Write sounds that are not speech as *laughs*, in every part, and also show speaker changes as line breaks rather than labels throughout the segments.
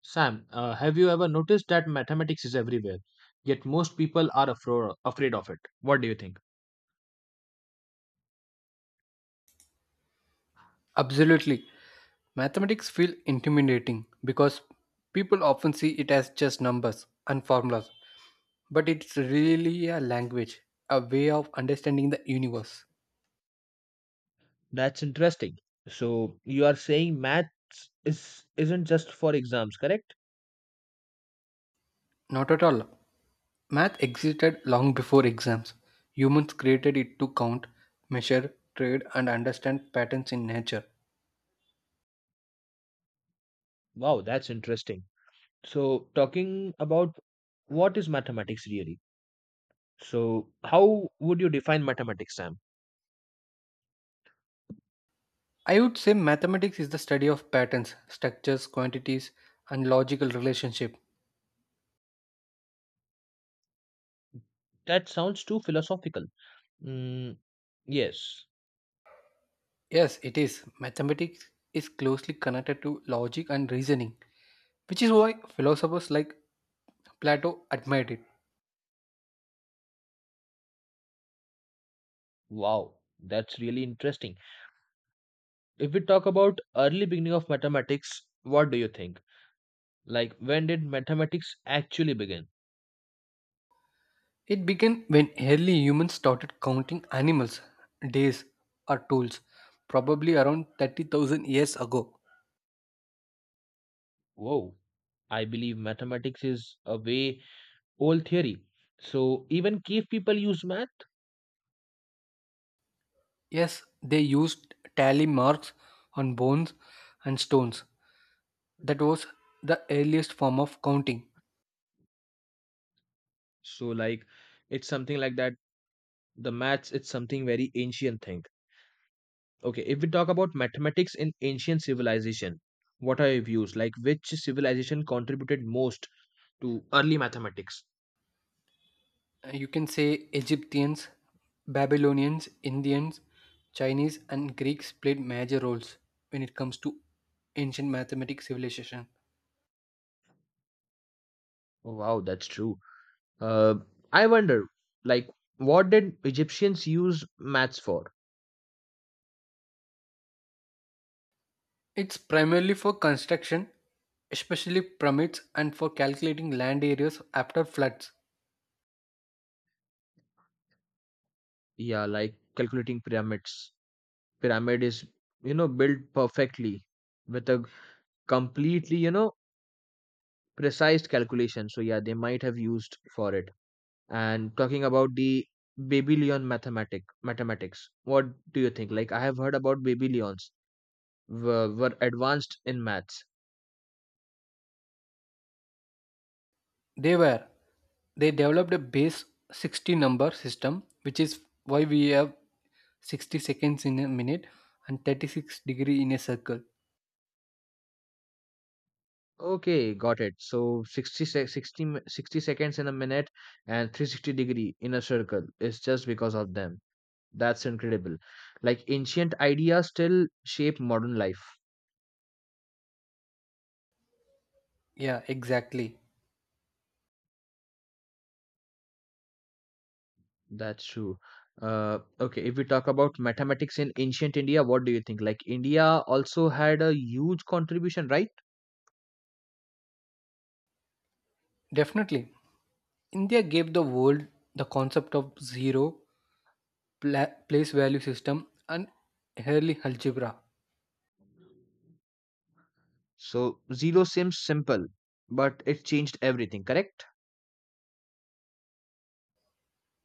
Sam, have you ever noticed that mathematics is everywhere, yet most people are afraid of it? What do you think?
Absolutely. Mathematics feel intimidating because people often see it as just numbers and formulas, but it's really a language, a way of understanding the universe.
That's interesting. So you are saying maths is isn't just for exams, correct?
Not at all. Math existed long before exams. Humans created it to count, measure, trade, and understand patterns in nature.
Wow, that's interesting. So talking about what is mathematics really? So how would you define mathematics, Sam?
I would say mathematics is the study of patterns, structures, quantities, and logical relationship.
That sounds too philosophical. Mm, yes.
Yes, it is. Mathematics is closely connected to logic and reasoning, which is why philosophers like Plato admired it.
Wow, that's really interesting. If we talk about early beginning of mathematics, what do you think? Like, when did mathematics actually begin?
It began when early humans started counting animals, days, or tools, probably around 30,000 years ago.
Whoa, I believe mathematics is a way old theory. So, even cave people use math.
Yes, they used tally marks on bones and stones. That was the earliest form of counting.
So, like, it's something like that. The maths, it's something very ancient thing. Okay, if we talk about mathematics in ancient civilization, what are your views? Like, which civilization contributed most to early mathematics?
You can say Egyptians, Babylonians, Indians, Chinese, and Greeks played major roles when it comes to ancient mathematics civilization.
Oh, wow, that's true. Uh, I wonder, like, what did Egyptians use maths for?
It's primarily for construction, especially pyramids, and for calculating land areas after floods.
Yeah, like calculating pyramids. Pyramid is, you know, built perfectly with a completely, you know, precise calculation, so yeah, they might have used for it. And talking about the Babylon mathematics, what do you think? Like, I have heard about Babylons were advanced in maths.
They were they developed a base 60 number system, which is why we have 60 seconds in a minute and 36 degree in a circle.
Okay, got it. So 60 se- 60 mi- 60 seconds in a minute and 360 degree in a circle is just because of them. That's incredible. Like ancient ideas still shape modern life.
Yeah, exactly.
That's true. Okay, if we talk about mathematics in ancient India, what do you think? Like India also had a huge contribution, right?
Definitely. India gave the world the concept of zero, place value system, and early algebra.
So zero seems simple, but it changed everything, correct?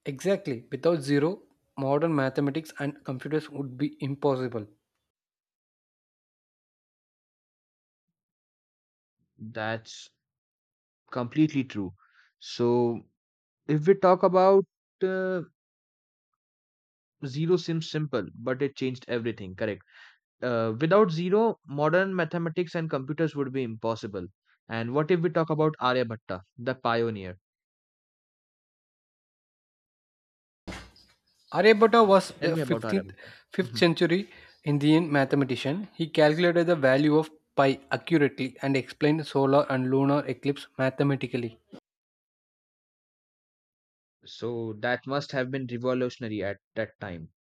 Exactly. Without zero, modern mathematics and computers would be impossible.
That's completely true. So if we talk about uh, zero seems simple, but it changed everything, correct? Without zero, modern mathematics and computers would be impossible. And what if we talk about Aryabhatta, the pioneer?
Aryabhatta was
Tell
the
me about
15th
Aryabhatta.
5th
Mhm.
century Indian mathematician. He calculated the value of pi accurately and explained solar and lunar eclipse mathematically.
So that must have been revolutionary at that time.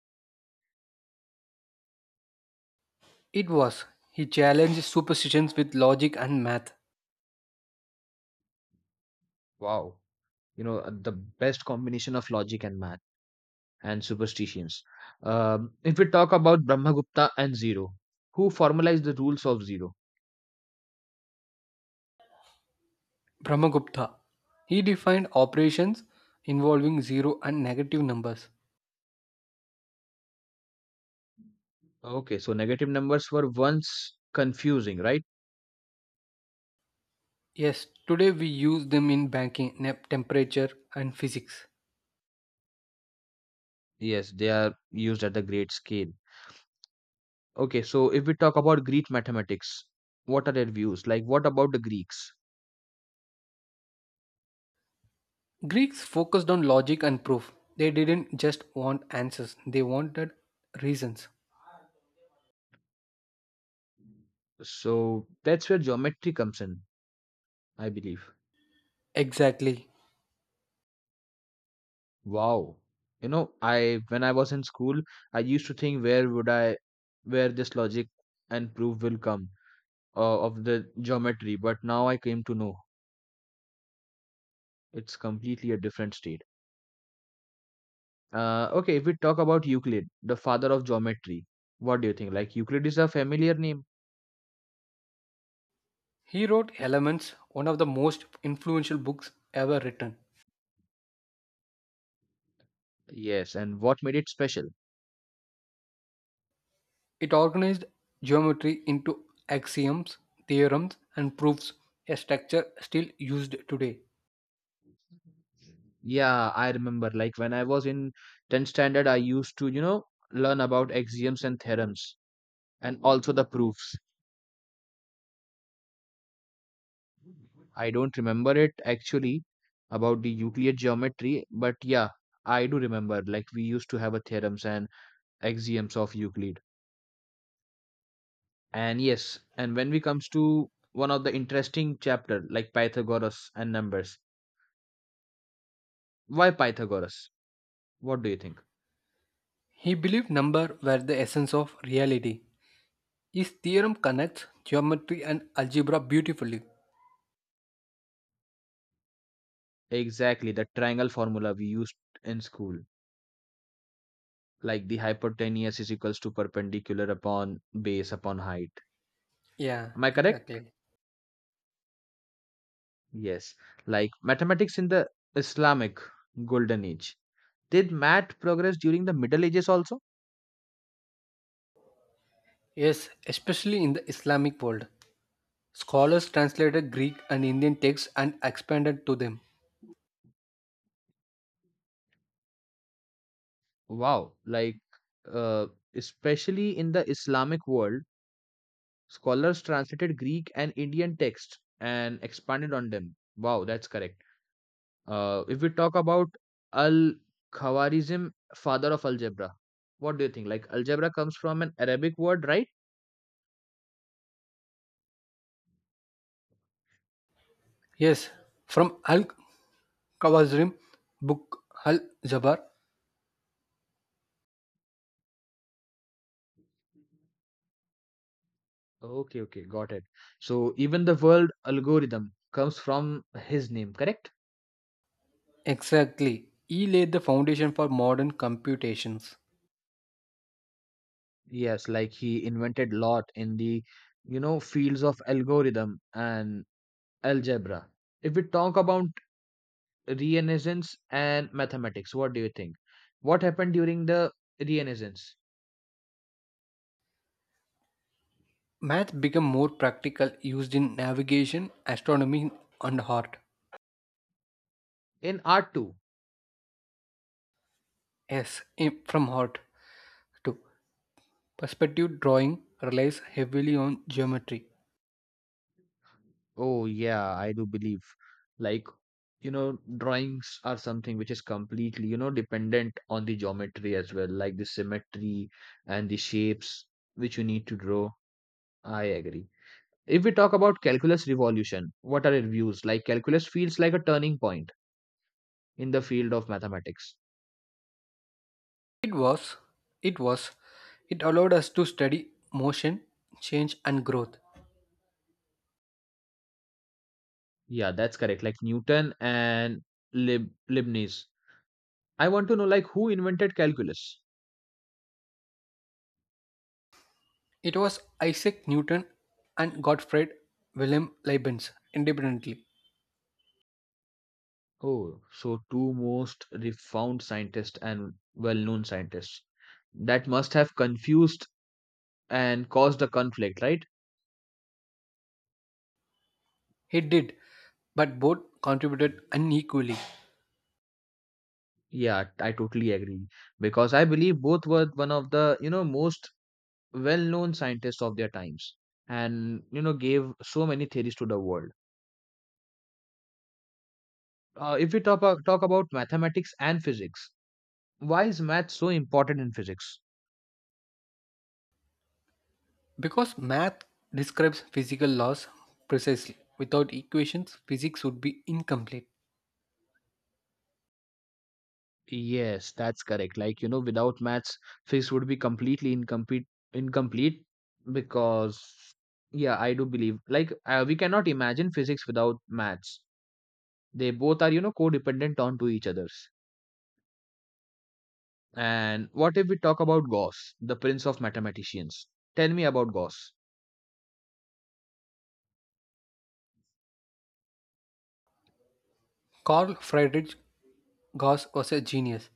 It was he challenged superstitions with logic and math.
Wow. You know, the best combination of logic and math and superstitions. If we talk about Brahmagupta and zero, who formalized the rules of zero?
Brahmagupta. He defined operations involving zero and negative numbers.
Okay, so negative numbers were once confusing, right?
Yes, today we use them in banking, temperature, and physics.
Yes, they are used at the great scale. Okay, so if we talk about Greek mathematics, what are their views? Like, what about the Greeks?
Greeks focused on logic and proof. They didn't just want answers, they wanted reasons.
So that's where geometry comes in, I believe.
Exactly.
Wow. You know, I when I was in school, I used to think where this logic and proof will come of the geometry, but now I came to know it's completely a different state. Okay, if we talk about Euclid, the father of geometry, what do you think? Like Euclid is a familiar name.
He wrote Elements, one of the most influential books ever written.
Yes, and what made it special?
It organized geometry into axioms, theorems, and proofs, a structure still used today.
Yeah, I remember. Like when I was in 10th standard, I used to, you know, learn about axioms and theorems and also the proofs. I don't remember it actually about the Euclid geometry, but yeah, I do remember. Like we used to have a theorems and axioms of Euclid. And yes, and when we comes to one of the interesting chapter like Pythagoras and numbers. Why Pythagoras? What do you think?
He believed number were the essence of reality. His theorem connects geometry and algebra beautifully.
Exactly, the triangle formula we used in school. Like the hypotenuse is equals to perpendicular upon base upon height.
Yeah,
Am I correct?
exactly.
Yes. Like mathematics in the Islamic golden age. Did math progress during the Middle Ages also?
Yes, especially in the Islamic world. Scholars translated Greek and Indian texts and expanded to them.
Wow. Like, uh, especially in the Islamic world, scholars translated Greek and Indian texts and expanded on them. Wow, that's correct. If we talk about Al Khawarizm, father of algebra, what do you think? Like, algebra comes from an Arabic word, right?
Yes, from Al khwarizm book Al Jabar.
Okay, okay, got it. So even the word algorithm comes from his name, correct?
Exactly. He laid the foundation for modern computations.
Yes, like he invented lot in the, you know, fields of algorithm and algebra. If we talk about Renaissance and mathematics, what do you think? What happened during the Renaissance?
Math became more practical, used in navigation, astronomy, and art.
In art too.
Yes, from art too. Perspective drawing relies heavily on geometry.
Oh, yeah, I do believe. Like, you know, drawings are something which is completely, you know, dependent on the geometry as well, like the symmetry and the shapes which you need to draw. I agree. If we talk about calculus revolution, what are your views? Like, calculus feels like a turning point in the field of mathematics.
It was, it was, it allowed us to study motion, change, and growth.
Yeah, that's correct. Like Newton and Lib Leibniz. I want to know, like, who invented calculus?
It was Isaac Newton and Gottfried Wilhelm Leibniz independently.
Oh, so two most refound scientists and well known scientists. That must have confused and caused a conflict, right?
He did, but both contributed unequally
Yeah, I totally agree. Because I believe both were one of the, you know, most well known scientists of their times and, you know, gave so many theories to the world. If we talk about mathematics and physics, why is math so important in physics?
because math describes physical laws precisely. Without equations, physics would be incomplete.
Yes, that's correct. Like, you know, without maths, physics would be completely incomplete because yeah, I do believe like we cannot imagine physics without maths. They both are, you know, codependent on to each others. And what if we talk about Gauss, the prince of mathematicians? Tell me about Gauss.
Carl Friedrich Gauss was a genius.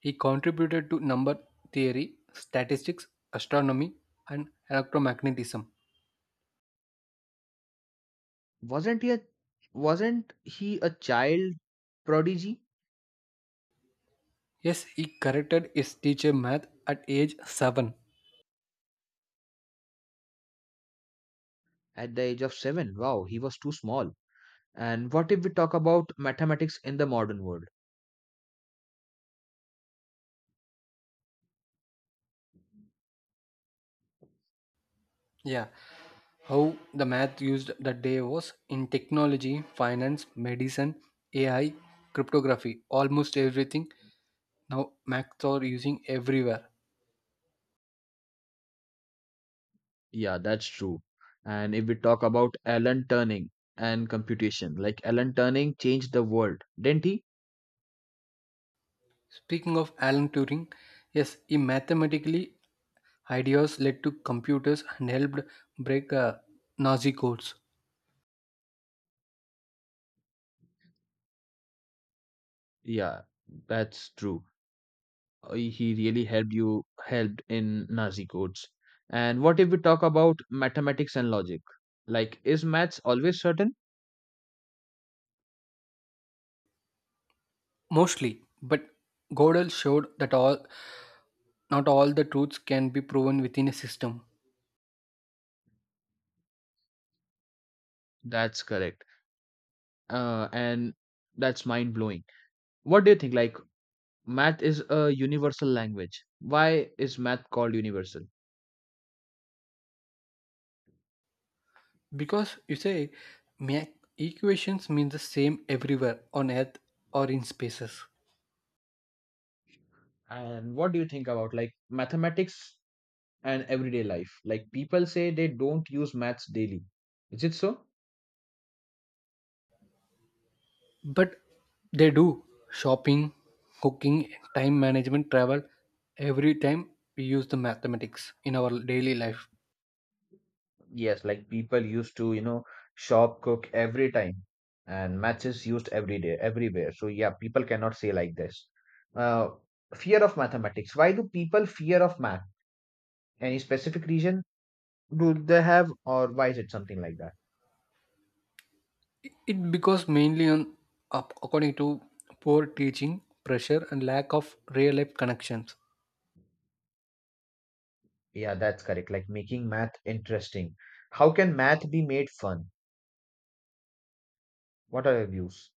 He contributed to number theory, statistics, astronomy, and electromagnetism.
Wasn't he a wasn't he a child prodigy
Yes, he corrected his teacher math at age 7.
at the age of 7? Wow, he was too small. And what if we talk about mathematics in the modern world?
Yeah, how the math used that day was in technology, finance, medicine, AI, cryptography, almost everything. Now maths are using everywhere.
Yeah, that's true. And if we talk about Alan Turing and computation, like Alan Turing changed the world, didn't he?
Speaking of Alan Turing, yes, he mathematically Ideas led to computers and helped break Nazi codes.
Yeah, that's true. He really helped helped in Nazi codes. And what if we talk about mathematics and logic? Like, is maths always certain?
Mostly, but Gödel showed that all not all the truths can be proven within a system.
That's correct. And that's mind blowing. What do you think? Like, math is a universal language. Why is math called universal?
Because you say ma- equations mean the same everywhere on earth or in spaces.
And what do you think about like mathematics and everyday life. Like people say they don't use maths daily. Is it so?
But they do shopping, cooking, time management, travel every time we use the mathematics in our daily life.
Yes, like people used to, you know, shop cook every time, and maths is used every day, everywhere. So yeah, people cannot say like this. Uh, fear of mathematics. Why do people fear of math? Any specific reason do they have, or why is it something like that?
It because mainly on according to poor teaching, pressure, and lack of real life connections
Yeah, that's correct. Like making math interesting. How can math be made fun? What are your views?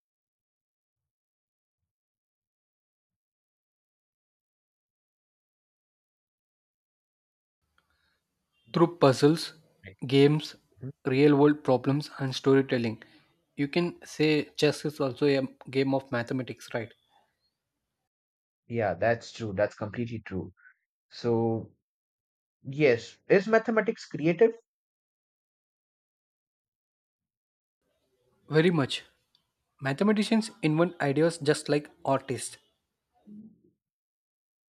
through puzzles,
Right.
games,
Mhm,
real world
mhm.
problems, and storytelling. You can say chess is also a game of mathematics, right?
Yeah, that's true. That's completely true. So. Yes. Is mathematics creative?
Very much. Mathematicians invent ideas just like artists.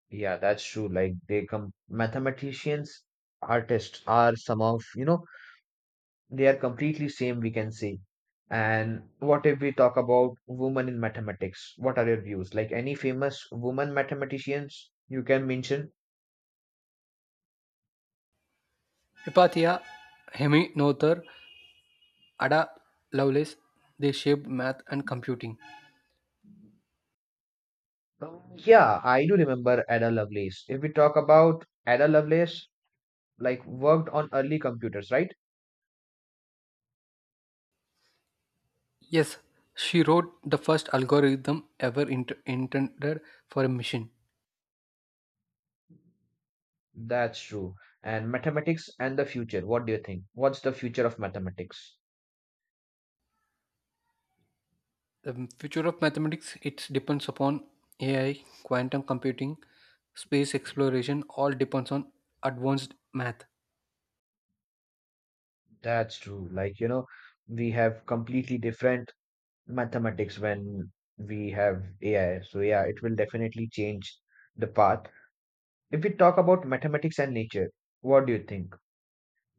Yeah, that's true. Like they come mathematicians, artists are some of, you know, they are completely same we can say. And what if we talk about women in mathematics? What are your views? Like any famous woman mathematicians you can mention?
Hypatia, Hemi Noether, Ada Lovelace, they shaped math and computing.
Yeah, I do remember Ada Lovelace. If we talk about Ada Lovelace, like worked on early computers, right?
Yes, she wrote the first algorithm ever intended for a machine.
That's true. And mathematics and the future. What do you think? What's the future of mathematics?
The future of mathematics it depends upon AI, quantum computing, space exploration. All depends on advanced math.
That's true. Like, you know, we have completely different mathematics when we have AI. So, yeah, it will definitely change the path. If we talk about mathematics and nature, what do you think?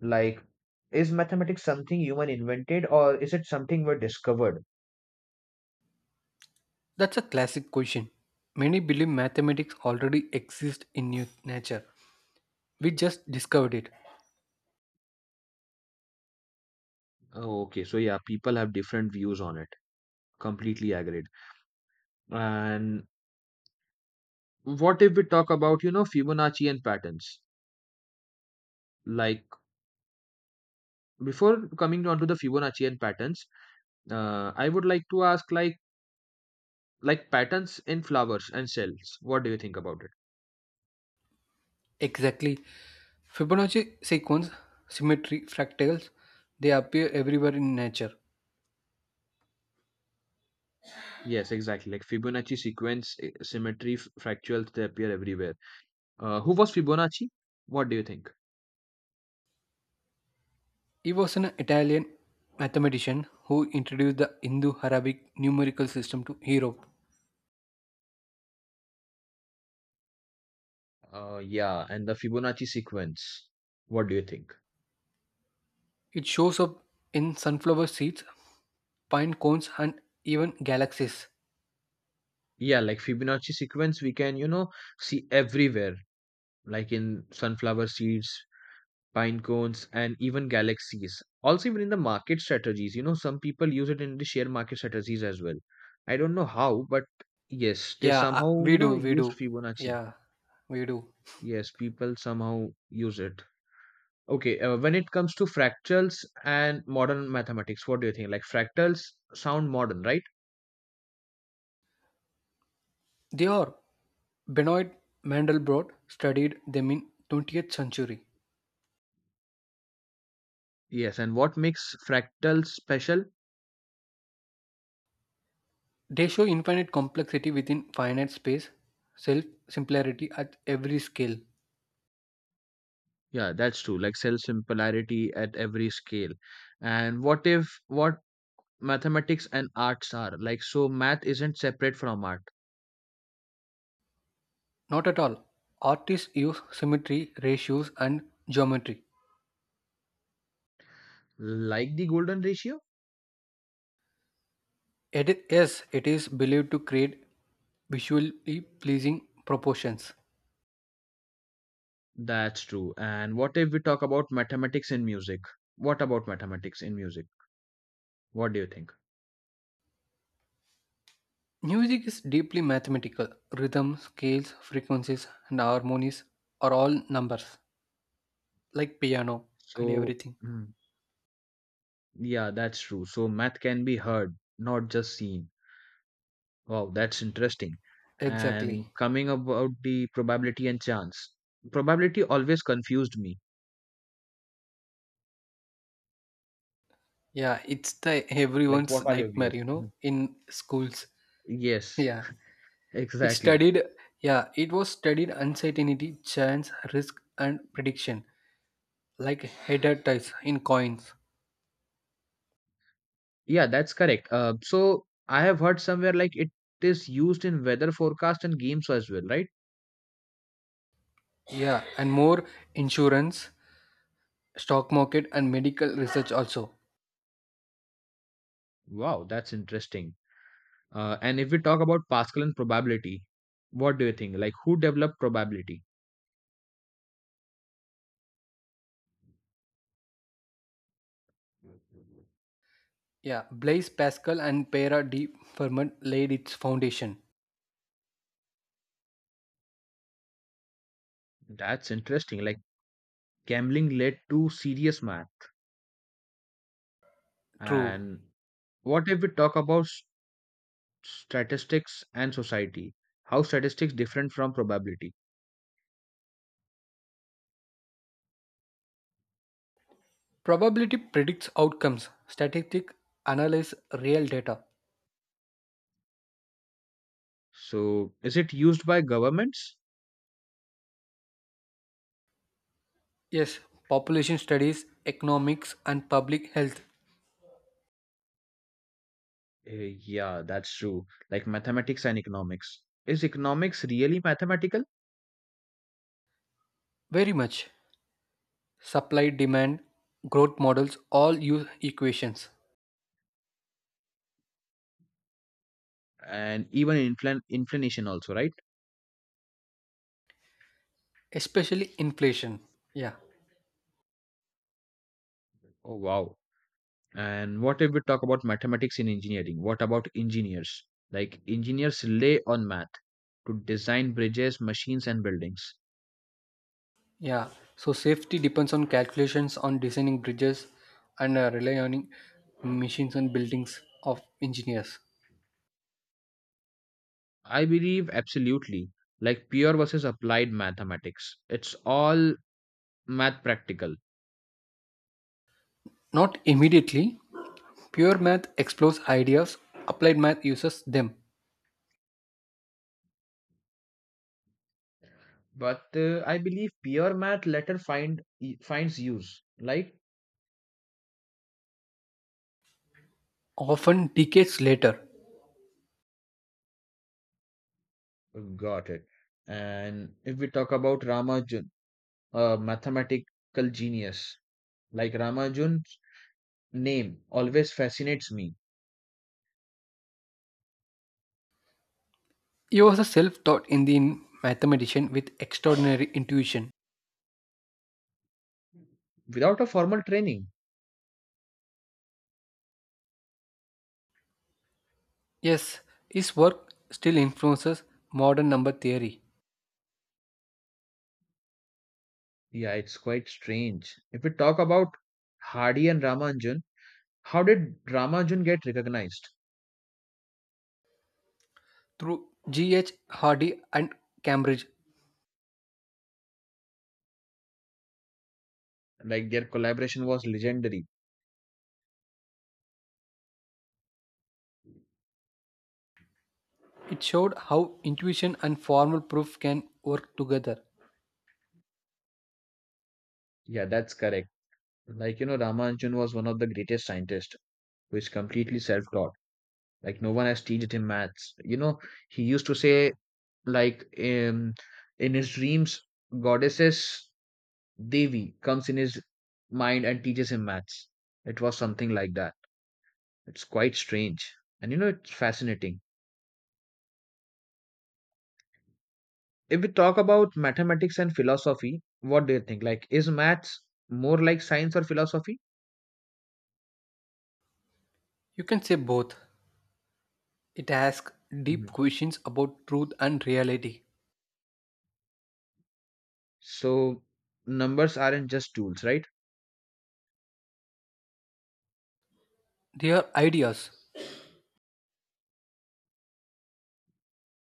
Like, is mathematics something human invented or is it something we discovered?
That's a classic question. Many believe mathematics already exists in nature. We just discovered it.
Oh, okay. So yeah, people have different views on it. Completely agreed. And what if we talk about, you know, Fibonacci and patterns? Like before coming on to the Fibonacci and patterns, I would like to ask like patterns in flowers and cells. What do you think about it?
Exactly. Fibonacci sequence, symmetry, fractals, they appear everywhere in nature.
Yes, exactly. Like Fibonacci sequence, symmetry, fractals, they appear everywhere. Who was Fibonacci? What do you think?
He was an Italian mathematician who introduced the Indo Arabic numerical system to Europe.
Yeah, and the Fibonacci sequence. What do you think?
It shows up in sunflower seeds, pine cones, and even galaxies.
Yeah, like Fibonacci sequence, we can, you know, see everywhere, like in sunflower seeds, pine cones and even galaxies also, even in the market strategies, you know, some people use it in the share market strategies as well. I don't know how, but yes, they
Yeah,
somehow,
we
you know,
do, we
use
do.
Fibonacci.
Yeah, we do.
Yes, people somehow use it. Okay, when it comes to fractals and modern mathematics, what do you think? Like fractals sound modern, right?
They are. Benoit Mandelbrot studied them in 20th century.
Yes, and what makes fractals special?
They show infinite complexity within finite space, self similarity at every scale.
Yeah, that's true. Like cell similarity at every scale. And what if what mathematics and arts are, like so math isn't separate from art.
Not at all. Artists use symmetry, ratios, and geometry.
Like the golden ratio.
It, yes, it is believed to create visually pleasing proportions.
That's true. And what if we talk about mathematics in music? What about mathematics in music? What do you think?
Music is deeply mathematical. Rhythm, scales, frequencies, and harmonies are all numbers, like piano and
So
everything.
mm, yeah, that's true. So math can be heard, not just seen. Wow, that's interesting. And
Exactly.
coming about the probability and chance, probability always confused me.
Yeah, it's the
Like,
everyone's
what are your views?
nightmare, you
Mhm.
know, in schools.
Yes.
Yeah.
*laughs*
It
Exactly.
studied Yeah, it was studied uncertainty, chance, risk and prediction, like header ties in coins.
Yeah, that's correct. So I have heard somewhere like it is used in weather forecast and games as well, right?
Yeah, and more insurance stock market and medical research also.
Wow, that's interesting. And if we talk about Pascal and probability, what do you think? Like who developed probability?
Yeah, Blaise Pascal and Pierre de Fermat laid its foundation.
That's interesting. Like gambling led to serious math.
True.
And what if we talk about statistics and society? How statistics different from probability?
Probability predicts outcomes. Statistics analyze real data.
So is it used by governments?
Yes, population studies, economics, and public health.
Yeah, that's true. Like mathematics and economics. Is economics really mathematical?
Very much. Supply, demand, growth models all use equations,
And even inflation also, right?
especially inflation. Yeah.
Oh, wow. And what if we talk about mathematics in engineering? What about engineers? Like engineers rely on math to design bridges, machines, and buildings.
Yeah, so safety depends on calculations on designing bridges and rely on machines and buildings of engineers.
I believe absolutely. Like pure versus applied mathematics. It's all math practical.
Not immediately. Pure math explores ideas, applied math uses them,
But I believe pure math later finds use. Like
often decades later.
got it. And if we talk about Ramanujan, a mathematical genius, like Ramanujan's name always fascinates me
He was a self taught Indian mathematician with extraordinary intuition.
without a formal training.
Yes, his work still influences modern number theory.
Yeah, it's quite strange. If we talk about Hardy and Ramanujan, how did Ramanujan get recognized?
Through G.H. Hardy and Cambridge,
Like their collaboration was legendary.
it showed how intuition and formal proof can work together.
Yeah, that's correct. Like, you know, Ramanujan was one of the greatest scientists who is completely self-taught. Like, no one has taught him maths. You know, he used to say like um, in his dreams, goddesses, devi comes in his mind and teaches him maths. It was something like that. It's quite strange, and you know, it's fascinating. If we talk about mathematics and philosophy, what do you think? Like, is maths more like science or philosophy?
You can say both. It asks deep
Mhm.
questions about truth and reality.
So numbers aren't just tools, right?
They are ideas.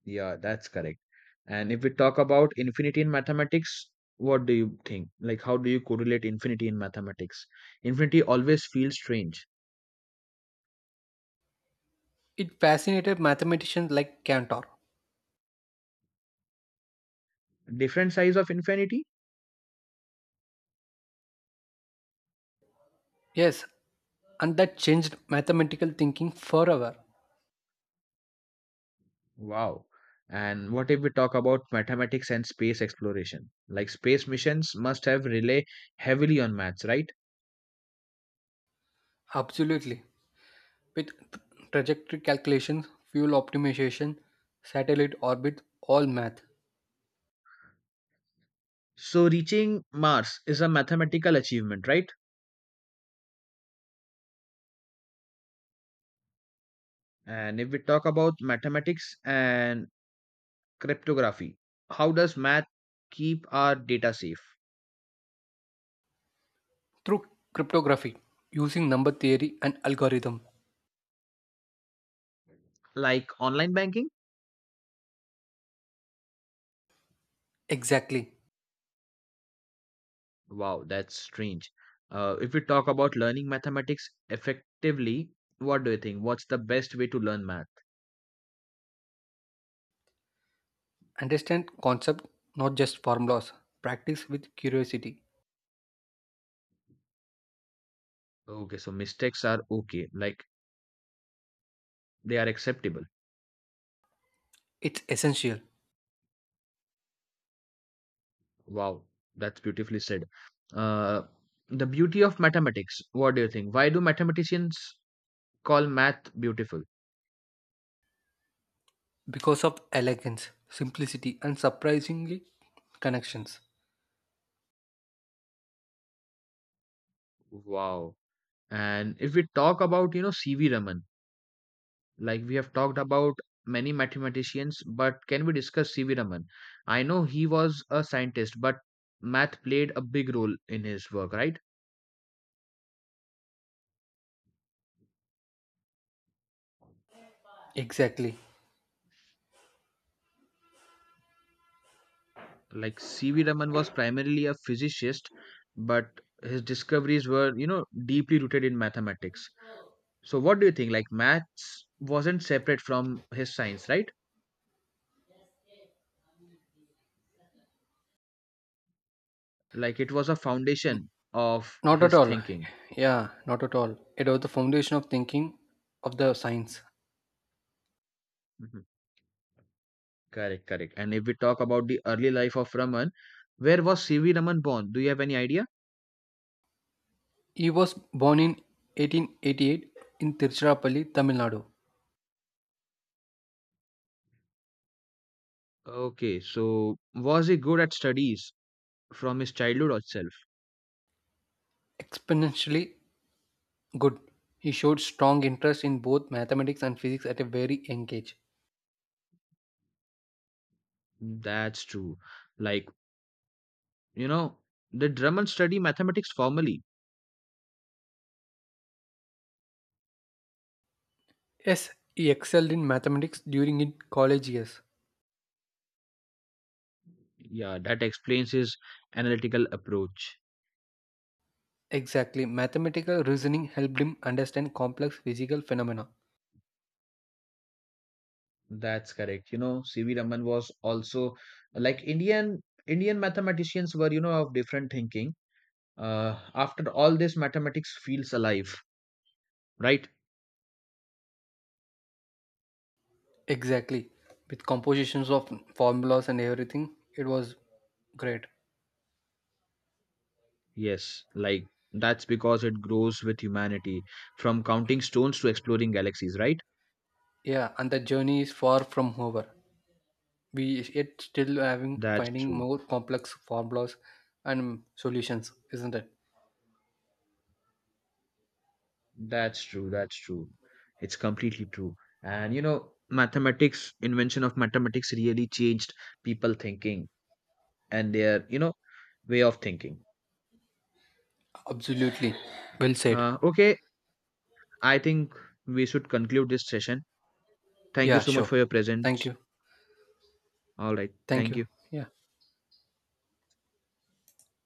Yeah, that's correct. And if we talk about infinity in mathematics, what do you think? Like, how do you correlate infinity in mathematics? Infinity always feels strange.
It fascinated mathematicians like Cantor.
Different size of infinity?
Yes, and that changed mathematical thinking forever.
Wow. And what if we talk about mathematics and space exploration? Like, space missions must have rely heavily on maths, right?
Absolutely. With trajectory calculations, fuel optimization, satellite orbit, all math.
So, reaching Mars is a mathematical achievement, right? And if we talk about mathematics and cryptography, how does math keep our data safe?
Through cryptography, using number theory and algorithm.
Like online banking.
Exactly.
Wow, that's strange. If we talk about learning mathematics effectively, what do you think? What's the best way to learn math?
Understand concept, not just formulas. Practice with curiosity.
Okay, so mistakes are okay, like they are acceptable.
It's essential
Wow, that's beautifully said. uh, the beauty of mathematics, what do you think? Why do mathematicians call math beautiful?
because of elegance, simplicity, and surprisingly connections.
Wow. And if we talk about, you know, cv raman. Like we have talked about many mathematicians, but can we discuss C.V. Raman? I know he was a scientist, but math played a big role in his work, right?
Exactly.
Like C.V. Raman was primarily a physicist, but his discoveries were, you know, deeply rooted in mathematics. So what do you think? Like maths wasn't separate from his science, right? Like it was a foundation of
Not at
his
all.
thinking.
Yeah, not at all. It was the foundation of thinking of the science.
Mhm. Correct, correct. And if we talk about the early life of Raman, where was C.V. Raman born? Do you have any idea?
He was born in 1888 in Tiruchirappalli, Tamil Nadu.
Okay, so was he good at studies from his childhood itself?
Exponentially good. He showed strong interest in both mathematics and physics at a very young age.
That's true. Like, you know, did Drummond study mathematics formally?
Yes, he excelled in mathematics during his college years.
Yeah, that explains his analytical approach.
Exactly, mathematical reasoning helped him understand complex physical phenomena.
That's correct. You know, C.V. Raman was also like Indian mathematicians were, you know, of different thinking. After all this, mathematics feels alive, right?
Exactly, with compositions of formulas and everything, it was great.
Yes, like that's because it grows with humanity, from counting stones to exploring galaxies, right?
Yeah, and the journey is far from over. We yet still having
That's
finding
true.
more complex formulas and solutions, isn't it?
That's true. It's completely true. And you know, mathematics, invention of mathematics really changed people thinking and their, you know, way of thinking.
Absolutely. Well said.
Okay, I think we should conclude this session. Thank you
Yeah,
so much
sure.
for your
Thank
presence.
you.
All right.
Thank
Thank
you.
you.
Yeah.